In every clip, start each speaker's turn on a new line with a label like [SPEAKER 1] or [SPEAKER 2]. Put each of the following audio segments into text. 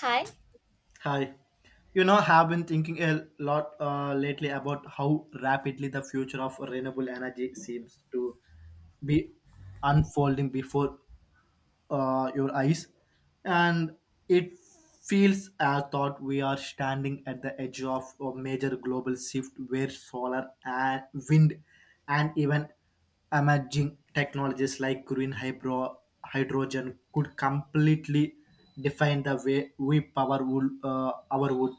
[SPEAKER 1] Hi,
[SPEAKER 2] Hi. You know, have been thinking a lot lately about how rapidly the future of renewable energy seems to be unfolding before your eyes, and it feels as thought we are standing at the edge of a major global shift where solar and wind and even emerging technologies like hydrogen could completely define the way we power wool, our wood.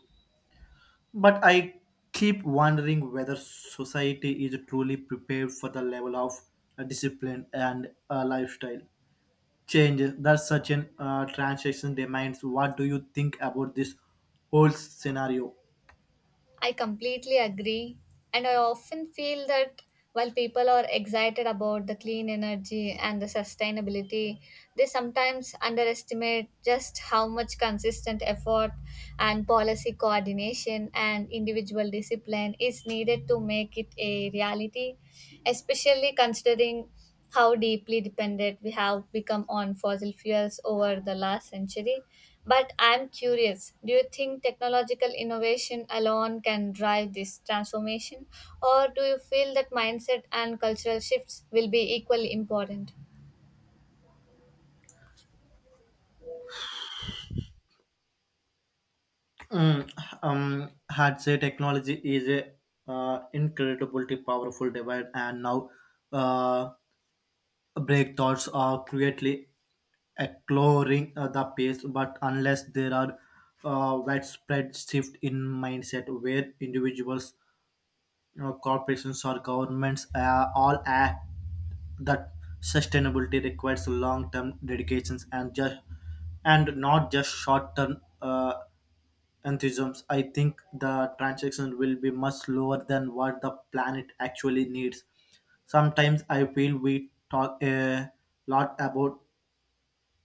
[SPEAKER 2] But I keep wondering whether society is truly prepared for the level of discipline and lifestyle changes that such an transaction demands. What do you think about this whole scenario?
[SPEAKER 1] I completely agree. And I often feel that while people are excited about the clean energy and the sustainability, they sometimes underestimate just how much consistent effort and policy coordination and individual discipline is needed to make it a reality, especially considering how deeply dependent we have become on fossil fuels over the last century. But I'm curious, do you think technological innovation alone can drive this transformation? Or do you feel that mindset and cultural shifts will be equally important?
[SPEAKER 2] Mm, had say technology is a incredibly powerful device, and now uh, breakthroughs are greatly exploring the pace. But unless there are widespread shift in mindset where individuals, corporations, or governments all act that sustainability requires long-term dedications and just and not just short-term. Enthusiasm, I think the transaction will be much lower than what the planet actually needs. Sometimes I feel we talk a lot about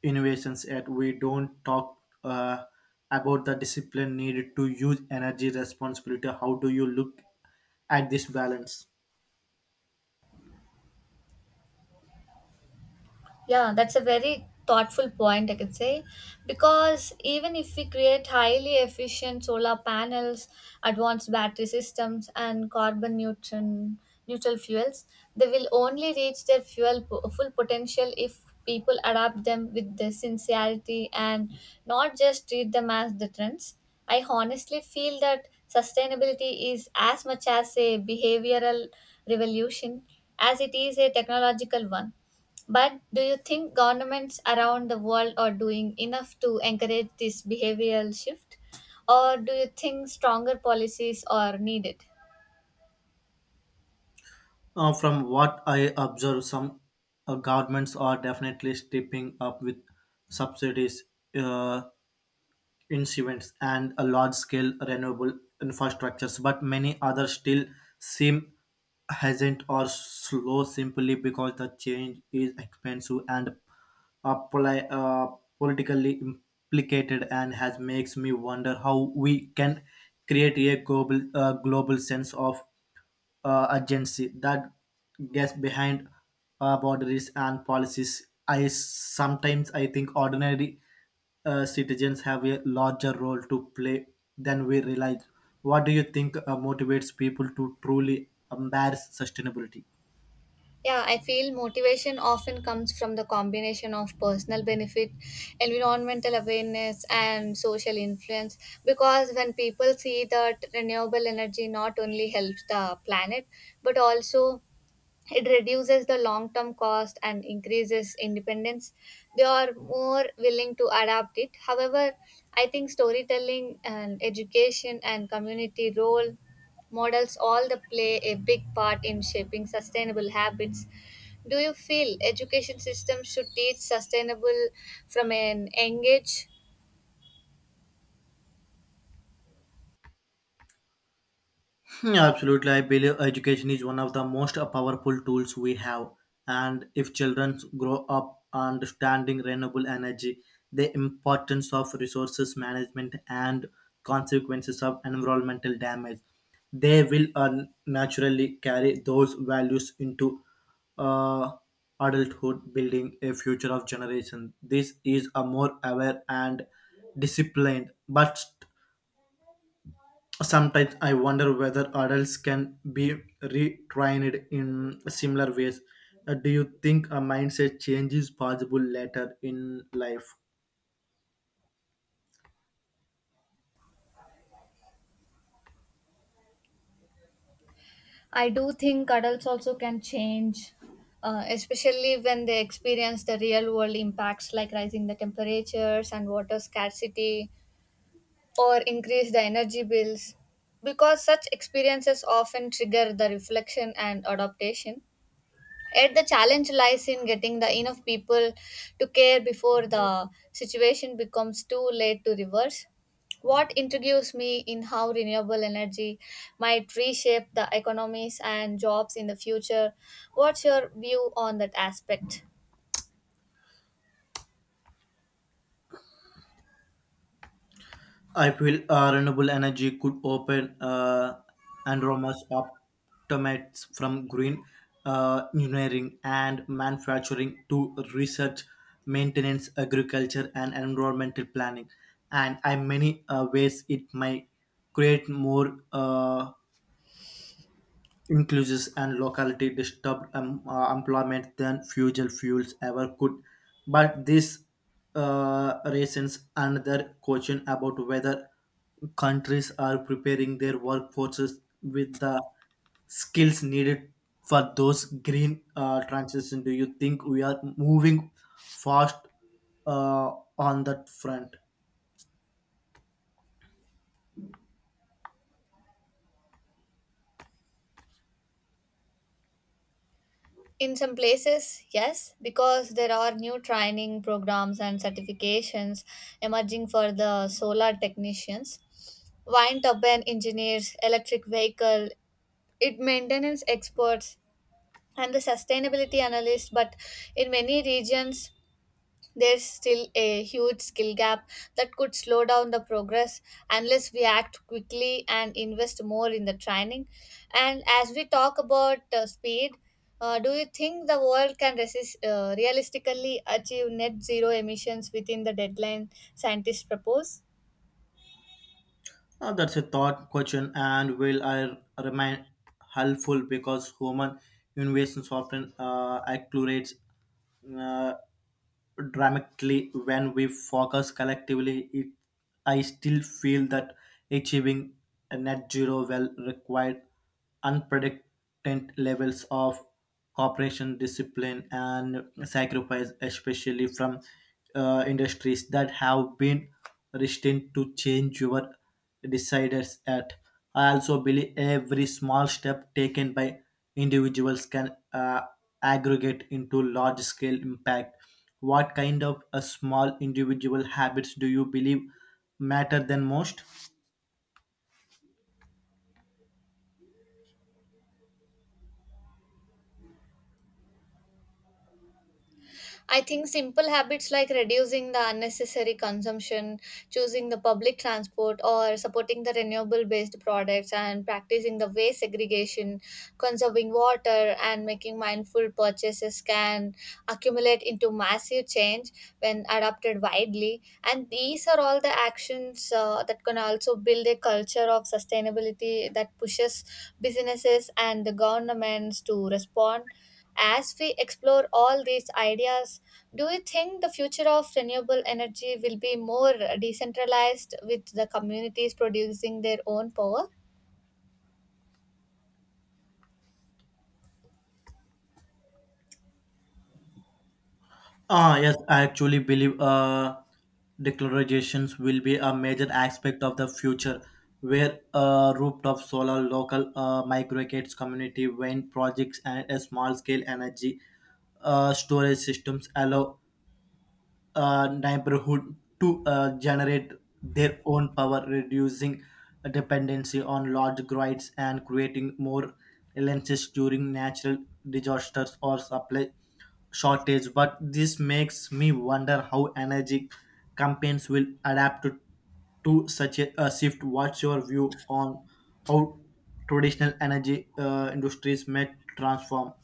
[SPEAKER 2] innovations, yet we don't talk uh, about the discipline needed to use energy responsibility. How do you look at this balance?
[SPEAKER 1] Yeah, that's a very thoughtful point, I can say. Because even if we create highly efficient solar panels, advanced battery systems, and neutral fuels, they will only reach their full potential if people adapt them with the sincerity and not just treat them as the trends. I honestly feel that sustainability is as much as a behavioral revolution as it is a technological one. But do you think governments around the world are doing enough to encourage this behavioral shift? Or do you think stronger policies are needed?
[SPEAKER 2] From what I observe, some governments are definitely stepping up with subsidies. Uh, Instruments and a large scale renewable infrastructures, but many others still seem hesitant or slow simply because the change is expensive and uh, poli- uh, politically implicated and has makes me wonder how we can create a global sense of urgency that gets behind boundaries and policies. I sometimes I think ordinary citizens have a larger role to play than we realize. What do you think motivates people to truly embrace sustainability?
[SPEAKER 1] Yeah, I feel motivation often comes from the combination of personal benefit, environmental awareness, and social influence. Because when people see that renewable energy not only helps the planet but also it reduces the long term cost and increases independence, they are more willing to adapt it. However, I think storytelling and education and community role models all the play a big part in shaping sustainable habits. Do you feel education system should teach sustainable from an young age?
[SPEAKER 2] Yeah, absolutely, I believe education is one of the most powerful tools we have. And if children grow up understanding renewable energy, the importance of resources management, and consequences of environmental damage, they will naturally carry those values into uh, adulthood, building a future of generation. This is a more aware and disciplined, but sometimes I wonder whether adults can be retrained in similar ways. Do you think a mindset change is possible later in life?
[SPEAKER 1] I do think adults also can change, especially when they experience the real world impacts like rising the temperatures and water scarcity or increase the energy bills, because such experiences often trigger the reflection and adaptation. Yet the challenge lies in getting the enough people to care before the situation becomes too late to reverse. What intrigues me in how renewable energy might reshape the economies and jobs in the future. What's your view on that aspect?
[SPEAKER 2] I feel renewable energy could open enormous optimates from green engineering and manufacturing to research, maintenance, agriculture, and environmental planning. And in many ways, it might create more. Increases and locality disturbed employment than fossil fuels ever could. But this raises another question about whether countries are preparing their workforces with the skills needed for those green transition. Do you think we are moving fast uh, on that front?
[SPEAKER 1] In some places, yes, because there are new training programs and certifications emerging for the solar technicians, wind turbine engineers, electric vehicle, it maintenance experts. I'm the sustainability analyst, but in many regions, there's still a huge skill gap that could slow down the progress unless we act quickly and invest more in the training. And as we talk about speed, do you think the world can realistically achieve net zero emissions within the deadline scientists propose?
[SPEAKER 2] That's a thought question, and will I remain helpful because human innovations often accelerates uh, dramatically when we focus collectively. It, I still feel that achieving a net zero will require unprecedented levels of cooperation, discipline, and sacrifice, especially from industries that have been resistant to change over deciders at. I also believe every small step taken by individuals can aggregate into large scale impact. What kind of a small individual habits do you believe matter than most?
[SPEAKER 1] I think simple habits like reducing the unnecessary consumption, choosing the public transport, or supporting the renewable based products, and practicing the waste segregation, conserving water, and making mindful purchases can accumulate into massive change when adopted widely. And these are all the actions that can also build a culture of sustainability that pushes businesses and the governments to respond. As we explore all these ideas, do you think the future of renewable energy will be more decentralized with the communities producing their own power?
[SPEAKER 2] Ah, yes, I actually believe declarations will be a major aspect of the future, where rooftop solar, local microgrids, community wind projects, and a small-scale energy storage systems allow neighborhood to generate their own power, reducing dependency on large grids and creating more reliance during natural disasters or supply shortage. But this makes me wonder how energy campaigns will adapt to such a shift. What's your view on how traditional energy industries may transform?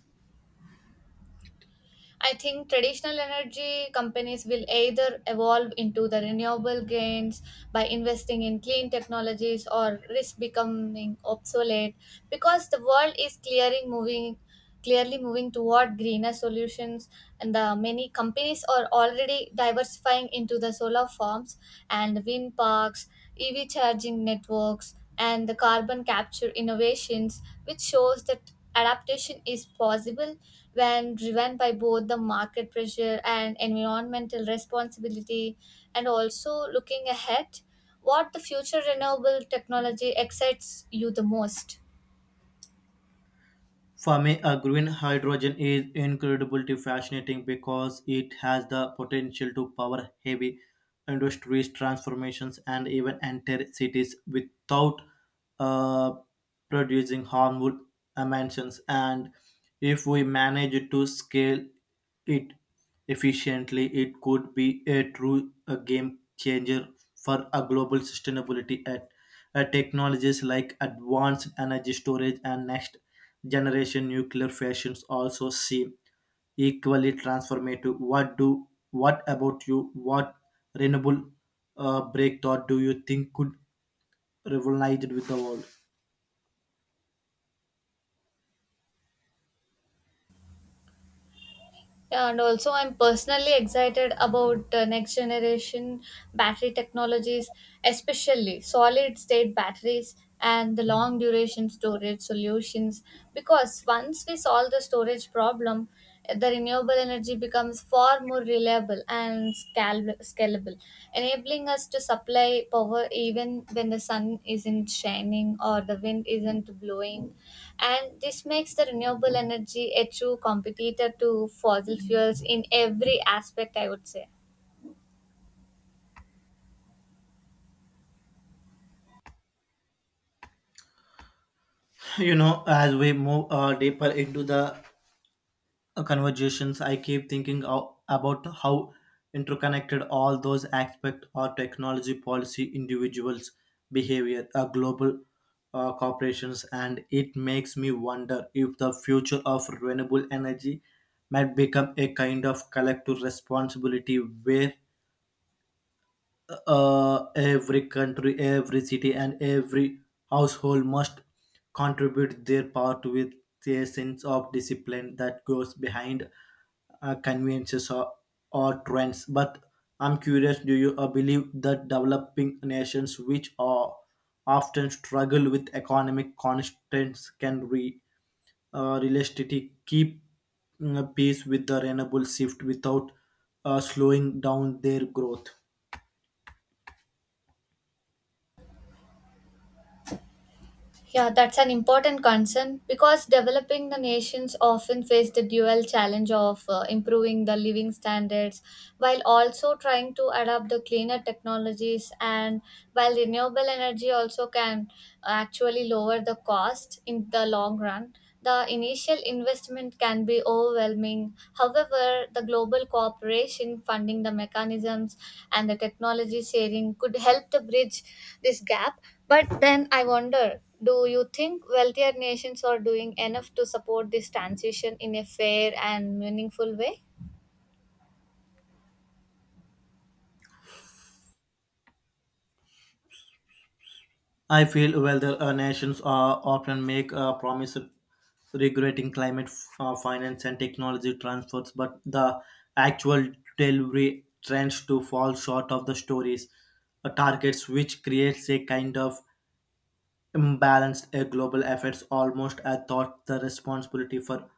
[SPEAKER 1] I think traditional energy companies will either evolve into the renewable gains by investing in clean technologies or risk becoming obsolete, because the world is clearing moving clearly moving toward greener solutions, and the many companies are already diversifying into the solar farms and wind parks, ev charging networks, and the carbon capture innovations, which shows that adaptation is possible when driven by both the market pressure and environmental responsibility. And also, looking ahead, what the future renewable technology excites you the most?
[SPEAKER 2] For me, a green hydrogen is incredibly fascinating because it has the potential to power heavy industries, transformations, and even entire cities without uh, producing harmful emissions. And if we manage to scale it efficiently, it could be a true a game changer for a global sustainability at technologies like advanced energy storage and next generation nuclear fusions also seem equally transformative. What about you? What renewable breakthrough do you think could revolutionize with the world?
[SPEAKER 1] And also, I'm personally excited about next generation battery technologies, especially solid state batteries and the long duration storage solutions. Because once we solve the storage problem, the renewable energy becomes far more reliable and scalable, enabling us to supply power even when the sun isn't shining or the wind isn't blowing. And this makes the renewable energy a true competitor to fossil fuels in every aspect, I would say.
[SPEAKER 2] You know, as we move deeper into the conversations, I keep about how interconnected all those aspects are technology, policy, individuals, behavior, global corporations, and it makes me wonder if the future of renewable energy might become a kind of collective responsibility where every country, every city, and every household must contribute their part with a sense of discipline that goes behind conveniences or trends. But I'm curious do you believe that developing nations, which are often struggle with economic constraints, can realistically keep pace with the renewable shift without slowing down their growth?
[SPEAKER 1] Yeah, that's an important concern because developing the nations often face the dual challenge of improving the living standards while also trying to adopt the cleaner technologies, and while renewable energy also can actually lower the cost in the long run. The initial investment can be overwhelming. However, the global cooperation funding the mechanisms and the technology sharing could help to bridge this gap. But then I wonder, do you think wealthier nations are doing enough to support this transition in a fair and meaningful way?
[SPEAKER 2] I feel well the nations often make a promise regulating climate finance and technology transfers, but the actual delivery tends to fall short of the stories targets, which creates a kind of imbalanced global efforts. Almost, I thought the responsibility for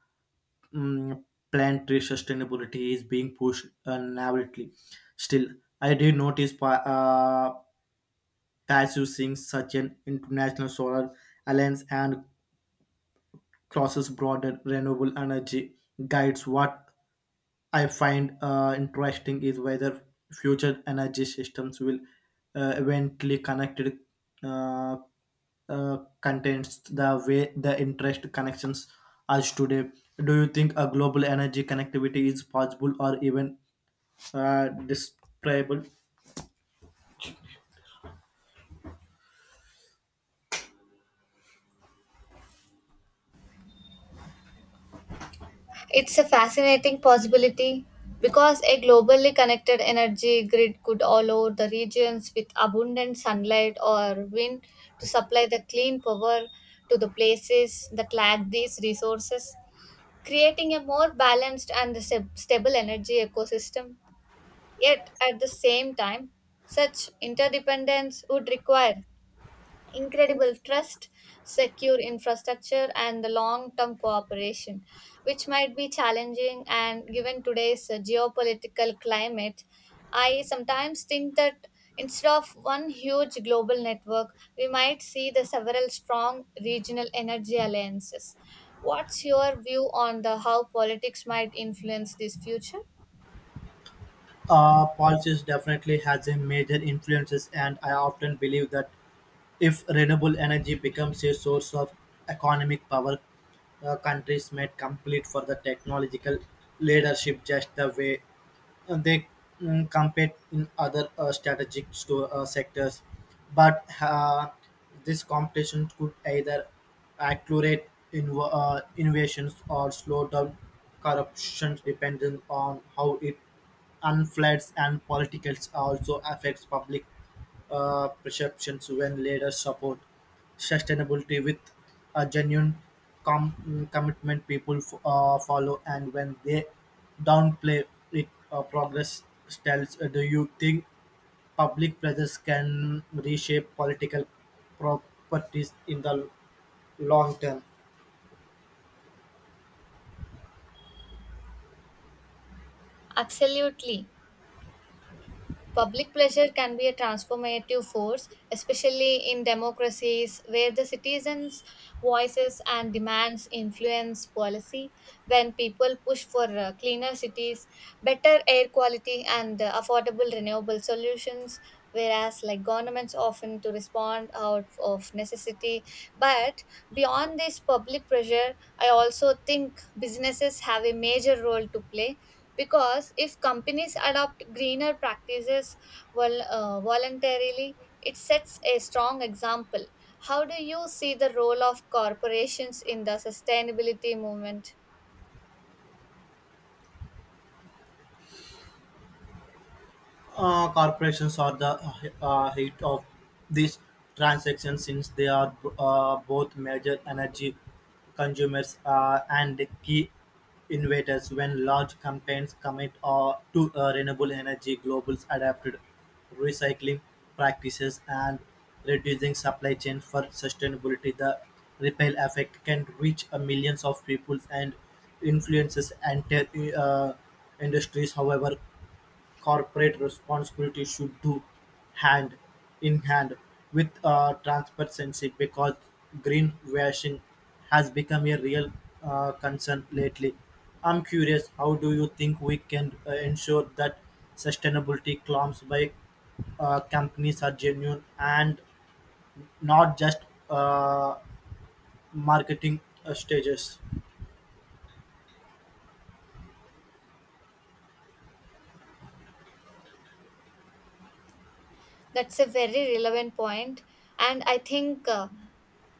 [SPEAKER 2] mm planetary sustainability is being pushed narrowly. Still, I did notice pa- uh, pursuing such an international solar alliance and crosses broader renewable energy guides. What I find interesting is whether future energy systems will eventually connected uh, contents the way the interest connections as today. Do you think a global energy connectivity is possible or even desirable?
[SPEAKER 1] It's a fascinating possibility because a globally connected energy grid could allow the regions with abundant sunlight or wind to supply the clean power to the places that lack these resources, creating a more balanced and stable energy ecosystem. Yet, at the same time, such interdependence would require incredible trust, secure infrastructure, and the long term cooperation, which might be challenging. And given today's geopolitical climate, I sometimes think that instead of one huge global network, we might see the several strong regional energy alliances. What's your view on the how politics might influence this future?
[SPEAKER 2] Policies definitely has a major influences, and I often believe that if renewable energy becomes a source of economic power, countries might compete for the technological leadership just the way they compete in other sectors. But this competition could either accelerate innovations or slow down corruption, depending on how it unflags and politics also affects public perceptions when leaders support sustainability with a genuine commitment people follow and when they downplay it progress stalls. Do you think public pressures can reshape political properties in the long term?
[SPEAKER 1] Absolutely. Public pleasure can be a transformative force, especially in democracies where the citizens' voices and demands influence policy. When people push for cleaner cities, better air quality, and affordable renewable solutions, whereas like governments often to respond out of necessity. But beyond this public pressure, I also think businesses have a major role to play, because if companies adopt greener practices voluntarily, it sets a strong example. How do you see the role of corporations in the sustainability movement?
[SPEAKER 2] Corporations are the heat of these transactions since they are both major energy consumers and key innovators when large companies commit to renewable energy globals adapted recycling practices and reducing supply chain for sustainability the ripple effect can reach millions of people and influences entire uh, industries however corporate responsibility should do hand in hand with transparency because greenwashing has become a real concern lately. I'm curious, how do you think we can ensure that sustainability claims by companies are genuine and not just uh, marketing stages?
[SPEAKER 1] That's a very relevant point, and I think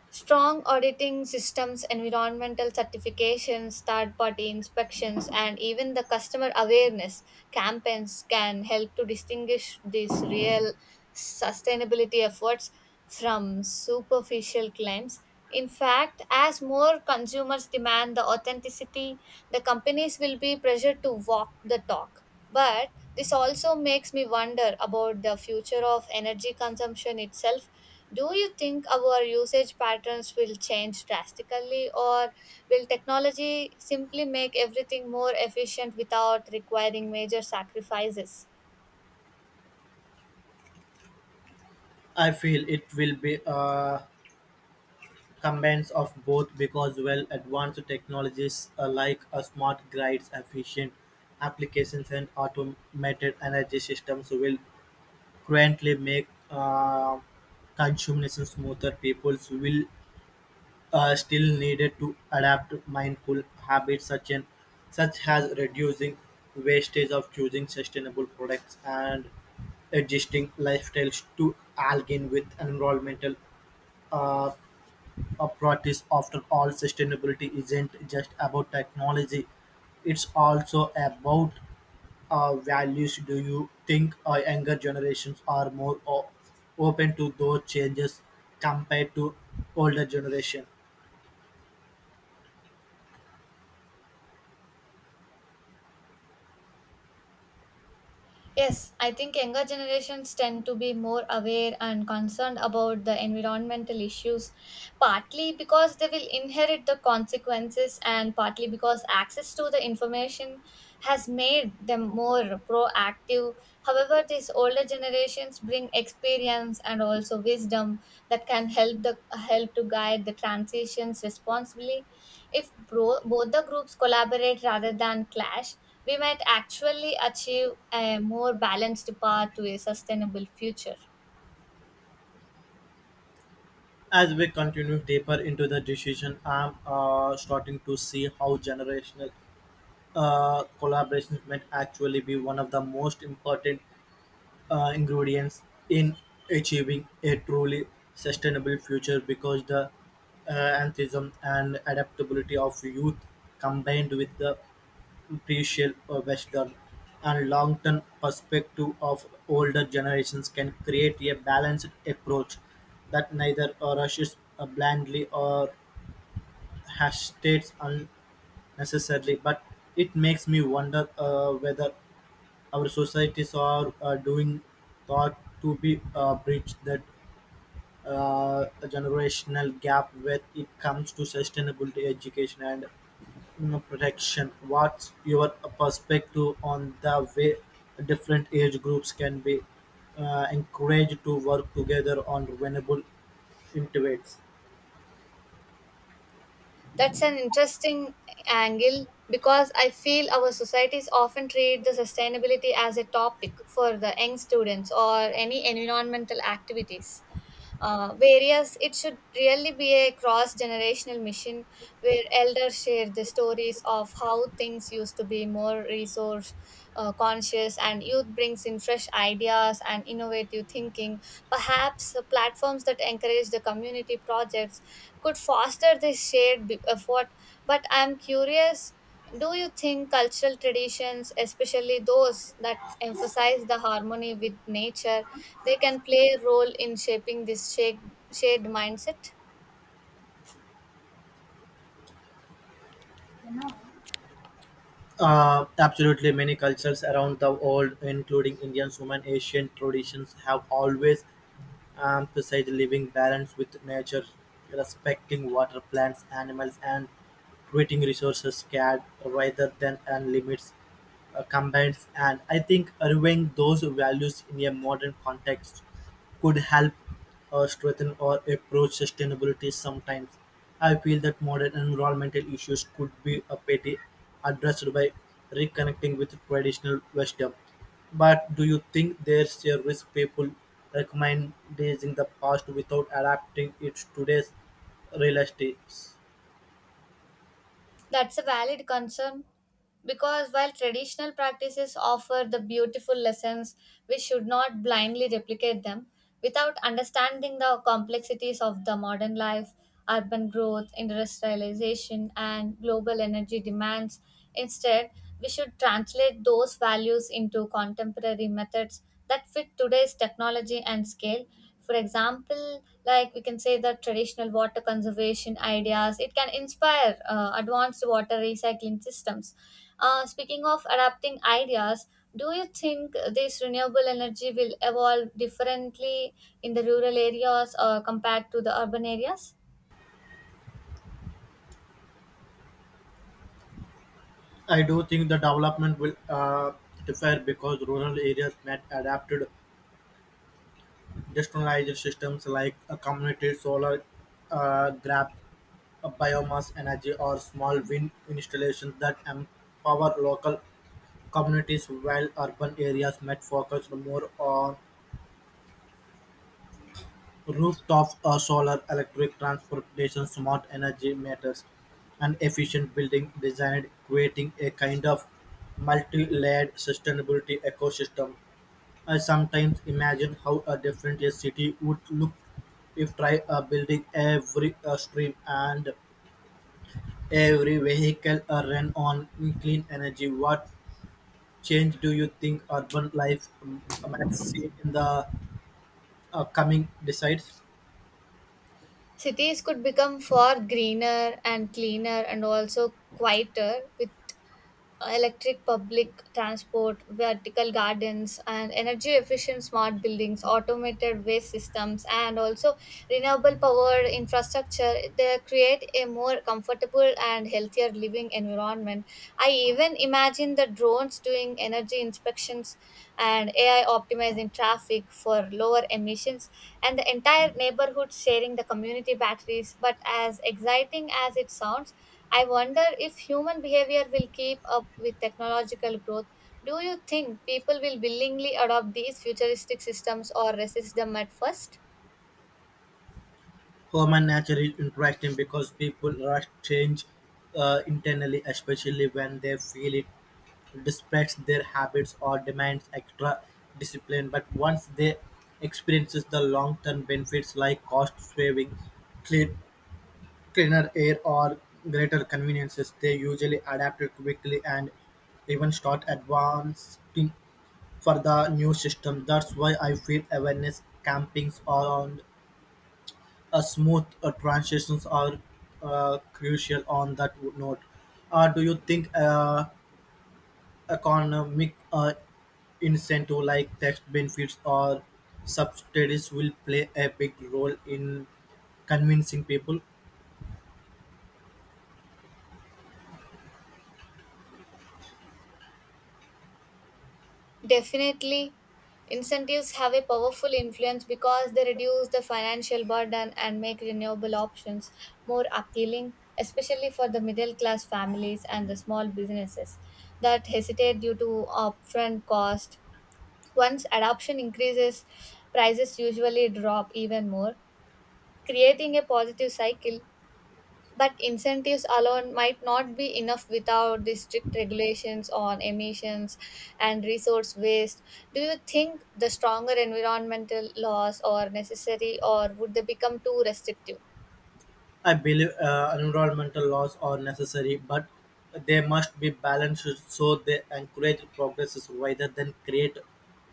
[SPEAKER 1] strong auditing systems, environmental certifications, third party inspections, and even the customer awareness campaigns can help to distinguish these real sustainability efforts from superficial claims. In fact, as more consumers demand the authenticity, the companies will be pressured to walk the talk. But this also makes me wonder about the future of energy consumption itself. Do you think our usage patterns will change drastically, or will technology simply make everything more efficient without requiring major sacrifices?
[SPEAKER 2] I feel it will be. Combines of both because well-advanced technologies like smart grids, efficient applications and automated energy systems will currently make consumption smoother. People will still needed to adapt mindful habits such as reducing wastage of choosing sustainable products and adjusting lifestyles to align with environmental uh, a practice. After all, sustainability isn't just about technology; it's also about values. Do you think younger generations are more open to those changes compared to older generation?
[SPEAKER 1] Yes, I think younger generations tend to be more aware and concerned about the environmental issues, partly because they will inherit the consequences, and partly because access to the information has made them more proactive. However, these older generations bring experience and also wisdom that can help to guide the transitions responsibly. If both the groups collaborate rather than clash, we might actually achieve a more balanced path to a sustainable future.
[SPEAKER 2] As we continue deeper into the decision, I'm starting to see how generational collaborations might actually be one of the most important ingredients in achieving a truly sustainable future because the enthusiasm and adaptability of youth combined with the precious western and long-term perspective of older generations can create a balanced approach that neither rushes blindly or hesitates unnecessarily but it makes me wonder whether our societies are doing thought to be bridge that generational gap when it comes to sustainability education and protection. What's your perspective on the way different age groups can be encouraged to work together on renewable initiatives?
[SPEAKER 1] That's an interesting angle, because I feel our societies often treat the sustainability as a topic for the young students or any environmental activities. Various, it should really be a cross generational mission where elders share the stories of how things used to be more resource conscious, and youth brings in fresh ideas and innovative thinking. Perhaps platforms that encourage the community projects could foster this effort. But I'm curious, do you think cultural traditions, especially those that emphasize the harmony with nature, they can play a role in shaping this shade shared mindset?
[SPEAKER 2] Absolutely, many cultures around the world, including Indian, Suman, Asian traditions, have always emphasize living balance with nature, respecting water, plants, animals, and treating resources scarce rather than and limits combines, and I think reviewing those values in a modern context could help strengthen or approach sustainability. Sometimes I feel that modern environmental issues could be a petty addressed by reconnecting with traditional wisdom. But do you think there's a risk people recommending the past without adapting it to today's realities?
[SPEAKER 1] That's a valid concern, because while traditional practices offer the beautiful lessons, we should not blindly replicate them without understanding the complexities of the modern life, urban growth, industrialization, and global energy demands. Instead, we should translate those values into contemporary methods that fit today's technology and scale. For example, like we can say that traditional water conservation ideas, it can inspire advanced water recycling systems. Speaking of adapting ideas, do you think this renewable energy will evolve differently in the rural areas compared to the urban areas?
[SPEAKER 2] I do think the development will differ because rural areas might adapted decentralized systems like a community solar grab, a biomass energy, or small wind installations that empower local communities, while urban areas might focus more on rooftop solar, electric transportation, smart energy meters, and efficient building design, creating a kind of multi-layered sustainability ecosystem. I sometimes imagine how a different a city would look if try building every stream and every vehicle ran on clean energy. What change do you think urban life might see in the coming decides?
[SPEAKER 1] Cities could become far greener and cleaner and also quieter with electric public transport, vertical gardens, and energy efficient smart buildings, automated waste systems, and also renewable power infrastructure. They create a more comfortable and healthier living environment. I even imagine the drones doing energy inspections and AI optimizing traffic for lower emissions, and the entire neighborhood sharing the community batteries. But as exciting as it sounds, I wonder if human behavior will keep up with technological growth. Do you think people will willingly adopt these futuristic systems or resist them at first?
[SPEAKER 2] Human nature is interesting because people rush change internally, especially when they feel it disrespects their habits or demands extra discipline. But once they experiences the long-term benefits like cost saving, clean, cleaner air, or greater conveniences, they usually adapt it quickly and even start advancing for the new system. That's why I feel awareness campings around a smooth transitions are crucial on that note. Do you think economic incentive like tax benefits or subsidies will play a big role in convincing people?
[SPEAKER 1] Definitely. Incentives have a powerful influence because they reduce the financial burden and make renewable options more appealing, especially for the middle class families and the small businesses that hesitate due to upfront cost. Once adoption increases, prices usually drop even more, creating a positive cycle. But incentives alone might not be enough without the strict regulations on emissions and resource waste. Do you think the stronger environmental laws are necessary, or would they become too restrictive?
[SPEAKER 2] I believe environmental laws are necessary, but they must be balanced so they encourage progress rather than create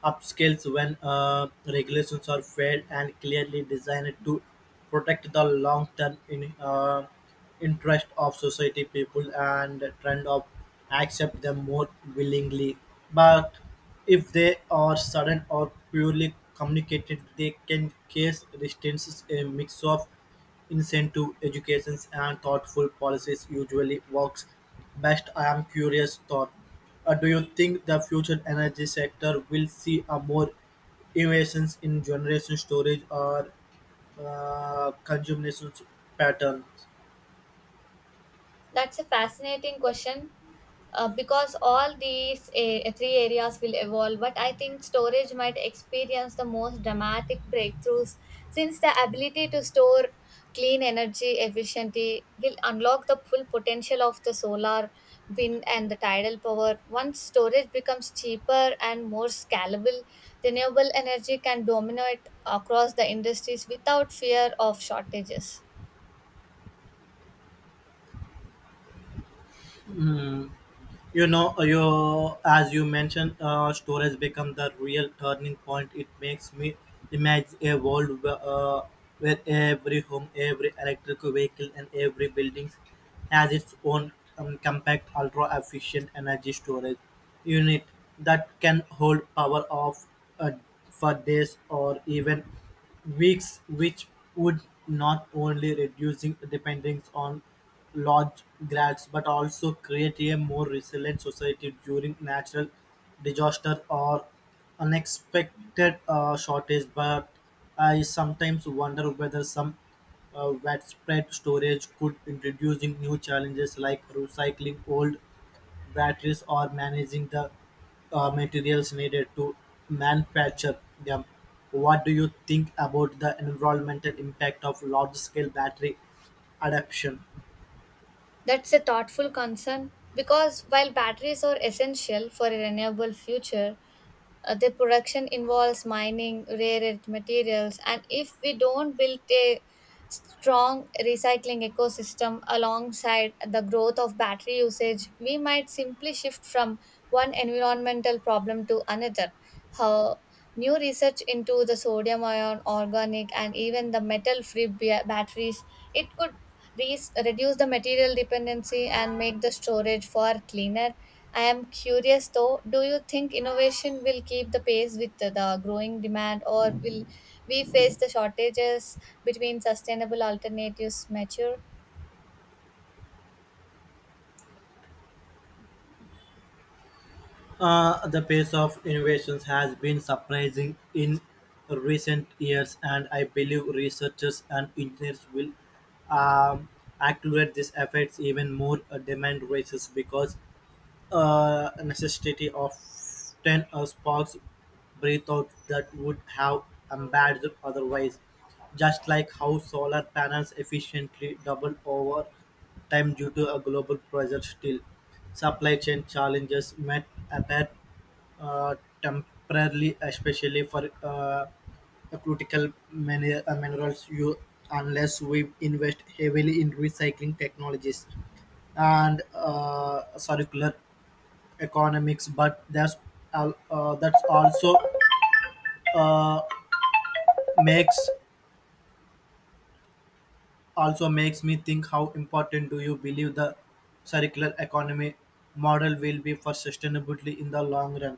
[SPEAKER 2] upscales when regulations are fair and clearly designed to protect the long-term interest of society people and trend of accept them more willingly. But if they are sudden or purely communicated, they can cause resistance a mix of incentive, education and thoughtful policies usually works best. I'm curious though, do you think the future energy sector will see a more innovations in generation storage or consumption patterns?
[SPEAKER 1] That's a fascinating question, because all these three areas will evolve, but I think storage might experience the most dramatic breakthroughs, since the ability to store clean energy efficiently will unlock the full potential of the solar, wind, and the tidal power. Once storage becomes cheaper and more scalable, renewable energy can dominate across the industries without fear of shortages.
[SPEAKER 2] Hmm. You know, you as you mentioned, storage become the real turning point. It makes me imagine a world where every home, every electric vehicle, and every building has its own compact, ultra-efficient energy storage unit that can hold power off uh, for days or even weeks, which would not only reducing dependence on large grants, but also create a more resilient society during natural disaster or unexpected shortages. But I sometimes wonder whether some widespread storage could introduce new challenges like recycling old batteries or managing the materials needed to manufacture them. What do you think about the environmental impact of large scale battery adoption?
[SPEAKER 1] That's a thoughtful concern because, while batteries are essential for a renewable future, their production involves mining rare earth materials, and if we don't build a strong recycling ecosystem alongside the growth of battery usage, we might simply shift from one environmental problem to another. How new research into the sodium ion organic and even the metal free batteries it could these reduce the material dependency and make the storage far cleaner. I am curious though, do you think innovation will keep the pace with the growing demand, or will we face the shortages between sustainable alternatives mature?
[SPEAKER 2] The pace of innovations has been surprising in recent years, and I believe researchers and engineers will um, accelerate these efforts even more. Demand rises because necessity often a sparks breath out that would have embedded otherwise, just like how solar panels efficiently double over time due to a global pressure still. Supply chain challenges might appear uh, temporarily, especially for critical minerals you unless we invest heavily in recycling technologies and circular economics, but that's al- that's also uh, makes also makes me think how important do you believe the circular economy model will be for sustainability in the long run?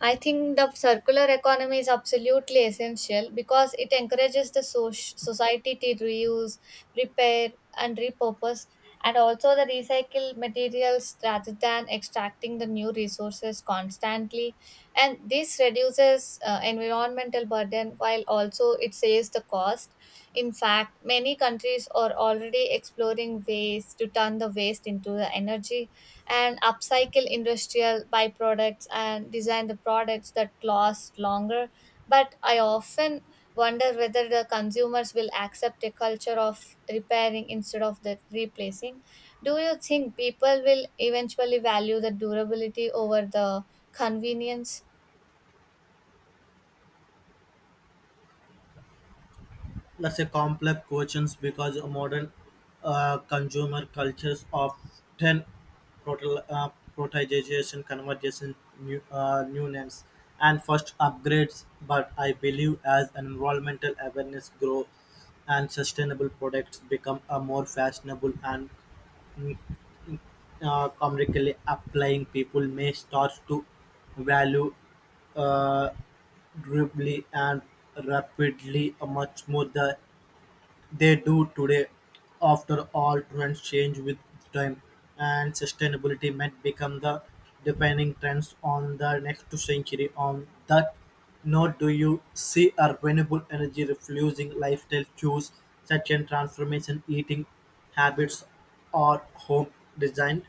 [SPEAKER 1] I think the circular economy is absolutely essential because it encourages the society to reuse, repair, and repurpose, and also the recycle materials rather than extracting the new resources constantly. And this reduces environmental burden while also it saves the cost. In fact, many countries are already exploring ways to turn the waste into the energy and upcycle industrial byproducts and design the products that last longer. But I often wonder whether the consumers will accept a culture of repairing instead of the replacing. Do you think people will eventually value the durability over the convenience?
[SPEAKER 2] That's a complex questions because modern consumer cultures often protel- uh, prioritization conversation newness and first upgrades. But I believe as environmental awareness grow and sustainable products become a more fashionable and mm, mm, commercially applying, people may start to value uh, durably and rapidly much more they do today. After all, trends change with time, and sustainability might become the defining trends on the next century. On that note, do you see a renewable energy refusing lifestyle choose such as transformation, eating habits, or home design?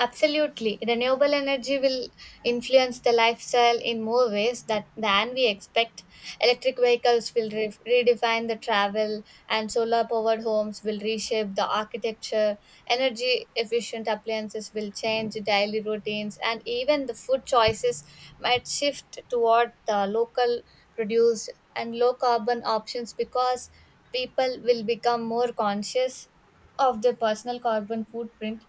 [SPEAKER 1] Absolutely. Renewable energy will influence the lifestyle in more ways that, than we expect. Electric vehicles will redefine the travel, and solar powered homes will reshape the architecture. Energy efficient appliances will change daily routines, and even the food choices might shift toward the local produced and low carbon options, because people will become more conscious of their personal carbon footprint.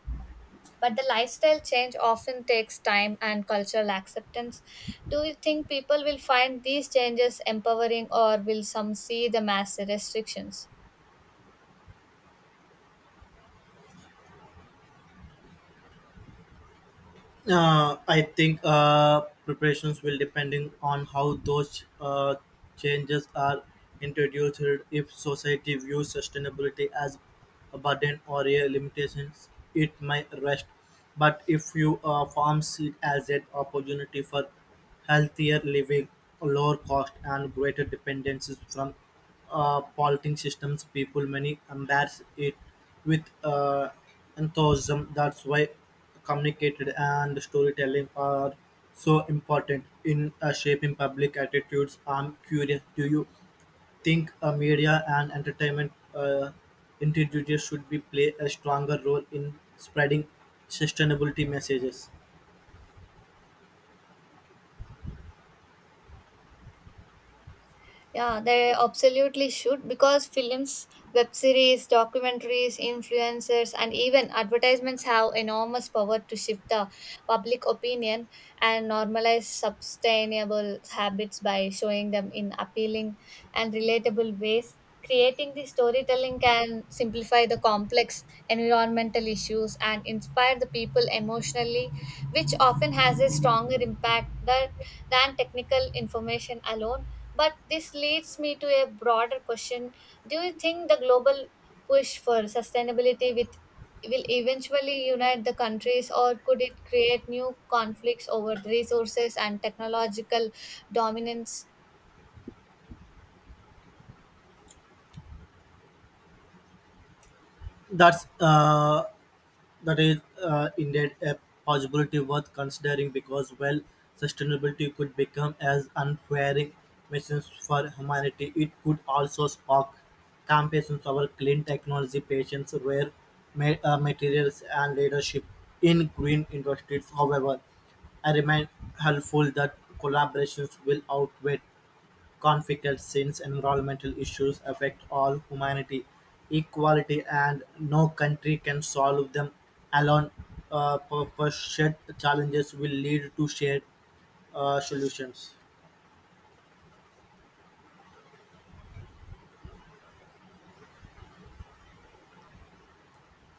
[SPEAKER 1] But the lifestyle change often takes time and cultural acceptance. Do you think people will find these changes empowering, or will some see them as restrictions?
[SPEAKER 2] I think preparations will depending on how those changes are introduced. If society views sustainability as a burden or a limitation, it might rest. But if you farms it as an opportunity for healthier living, lower cost, and greater dependencies from polluting systems. People many embrace it with enthusiasm. That's why communicated and storytelling are so important in shaping public attitudes. I'm curious, do you think media and entertainment introducers should be play a stronger role in spreading sustainability messages?
[SPEAKER 1] Yeah, they absolutely should, because films, web series, documentaries, influencers, and even advertisements have enormous power to shift the public opinion and normalize sustainable habits by showing them in appealing and relatable ways. Creating the storytelling can simplify the complex environmental issues and inspire the people emotionally, which often has a stronger impact that, than technical information alone. But this leads me to a broader question. Do you think the global push for sustainability with, will eventually unite the countries, or could it create new conflicts over the resources and technological dominance?
[SPEAKER 2] That's uh, That is indeed a possibility worth considering because, well, sustainability could become as unwearing machines for humanity. It could also spark campaigns over clean technology, patients, rare materials, and leadership in green industries. However, I remain hopeful that collaborations will outweigh conflicted since environmental issues affect all humanity equality and no country can solve them alone. Purpose shared challenges will lead to shared solutions.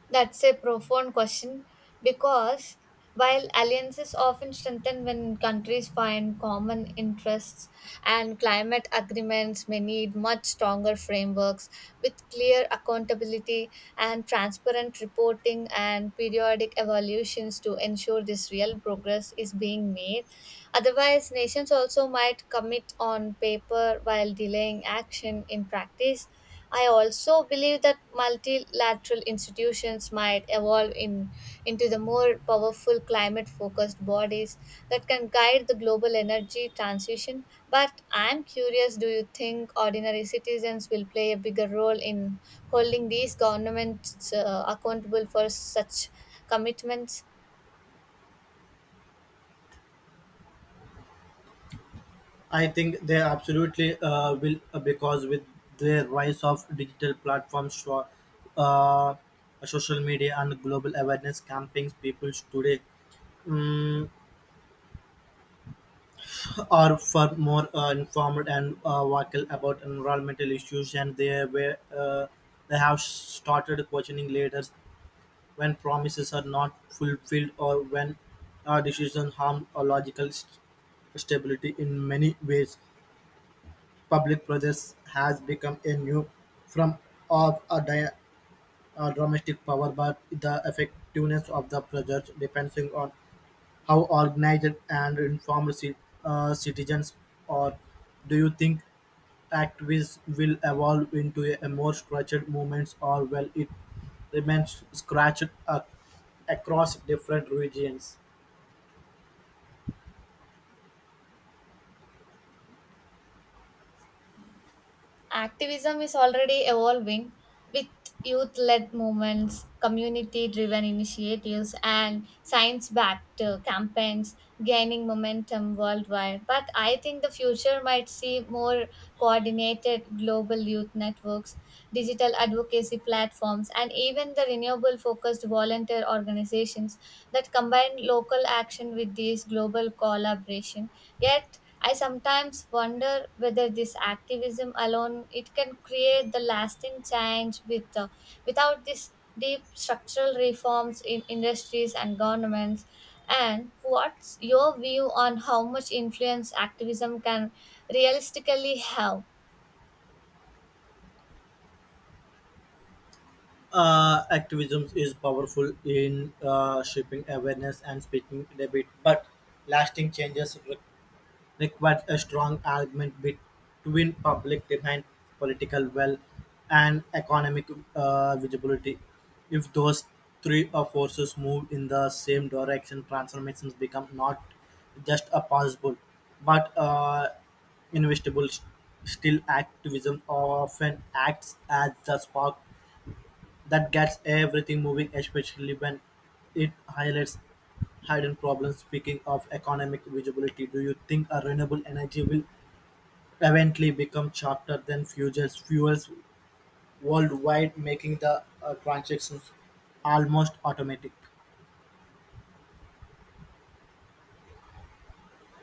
[SPEAKER 1] That's a profound question, because while alliances often strengthen when countries find common interests, and climate agreements may need much stronger frameworks with clear accountability and transparent reporting and periodic evaluations to ensure this real progress is being made. Otherwise, nations also might commit on paper while delaying action in practice. I also believe that multilateral institutions might evolve in, into the more powerful climate focused bodies that can guide the global energy transition. But I'm curious, do you think ordinary citizens will play a bigger role in holding these governments accountable for such commitments?
[SPEAKER 2] I think they absolutely will because with the rise of digital platforms for uh, social media and global awareness campaigns, people today mm, are far more informed and vocal about environmental issues, and they have started questioning leaders when promises are not fulfilled or when decisions harm or logical stability. In many ways, public protest has become a new form of a domestic power, but the effectiveness of the protest depends on how organized and informed citizens are. Do you think activists will evolve into a more structured movement, or will it remain scratched across different regions?
[SPEAKER 1] Activism is already evolving with youth led movements, community driven initiatives, and science backed campaigns gaining momentum worldwide. But I think the future might see more coordinated global youth networks, digital advocacy platforms, and even the renewable focused volunteer organizations that combine local action with these global collaboration. Yet, I sometimes wonder whether this activism alone it can create the lasting change with the, without this deep structural reforms in industries and governments. And what's your view on how much influence activism can realistically have?
[SPEAKER 2] Activism is powerful in shaping awareness and speaking debate, but lasting changes requires a strong alignment between public demand, political will, and economic visibility. If those three forces move in the same direction, transformations become not just a possible but investable. Still, activism often acts as the spark that gets everything moving, especially when it highlights hidden problems. Speaking of economic visibility, do you think a renewable energy will eventually became cheaper than fuels worldwide, making the transactions almost automatic.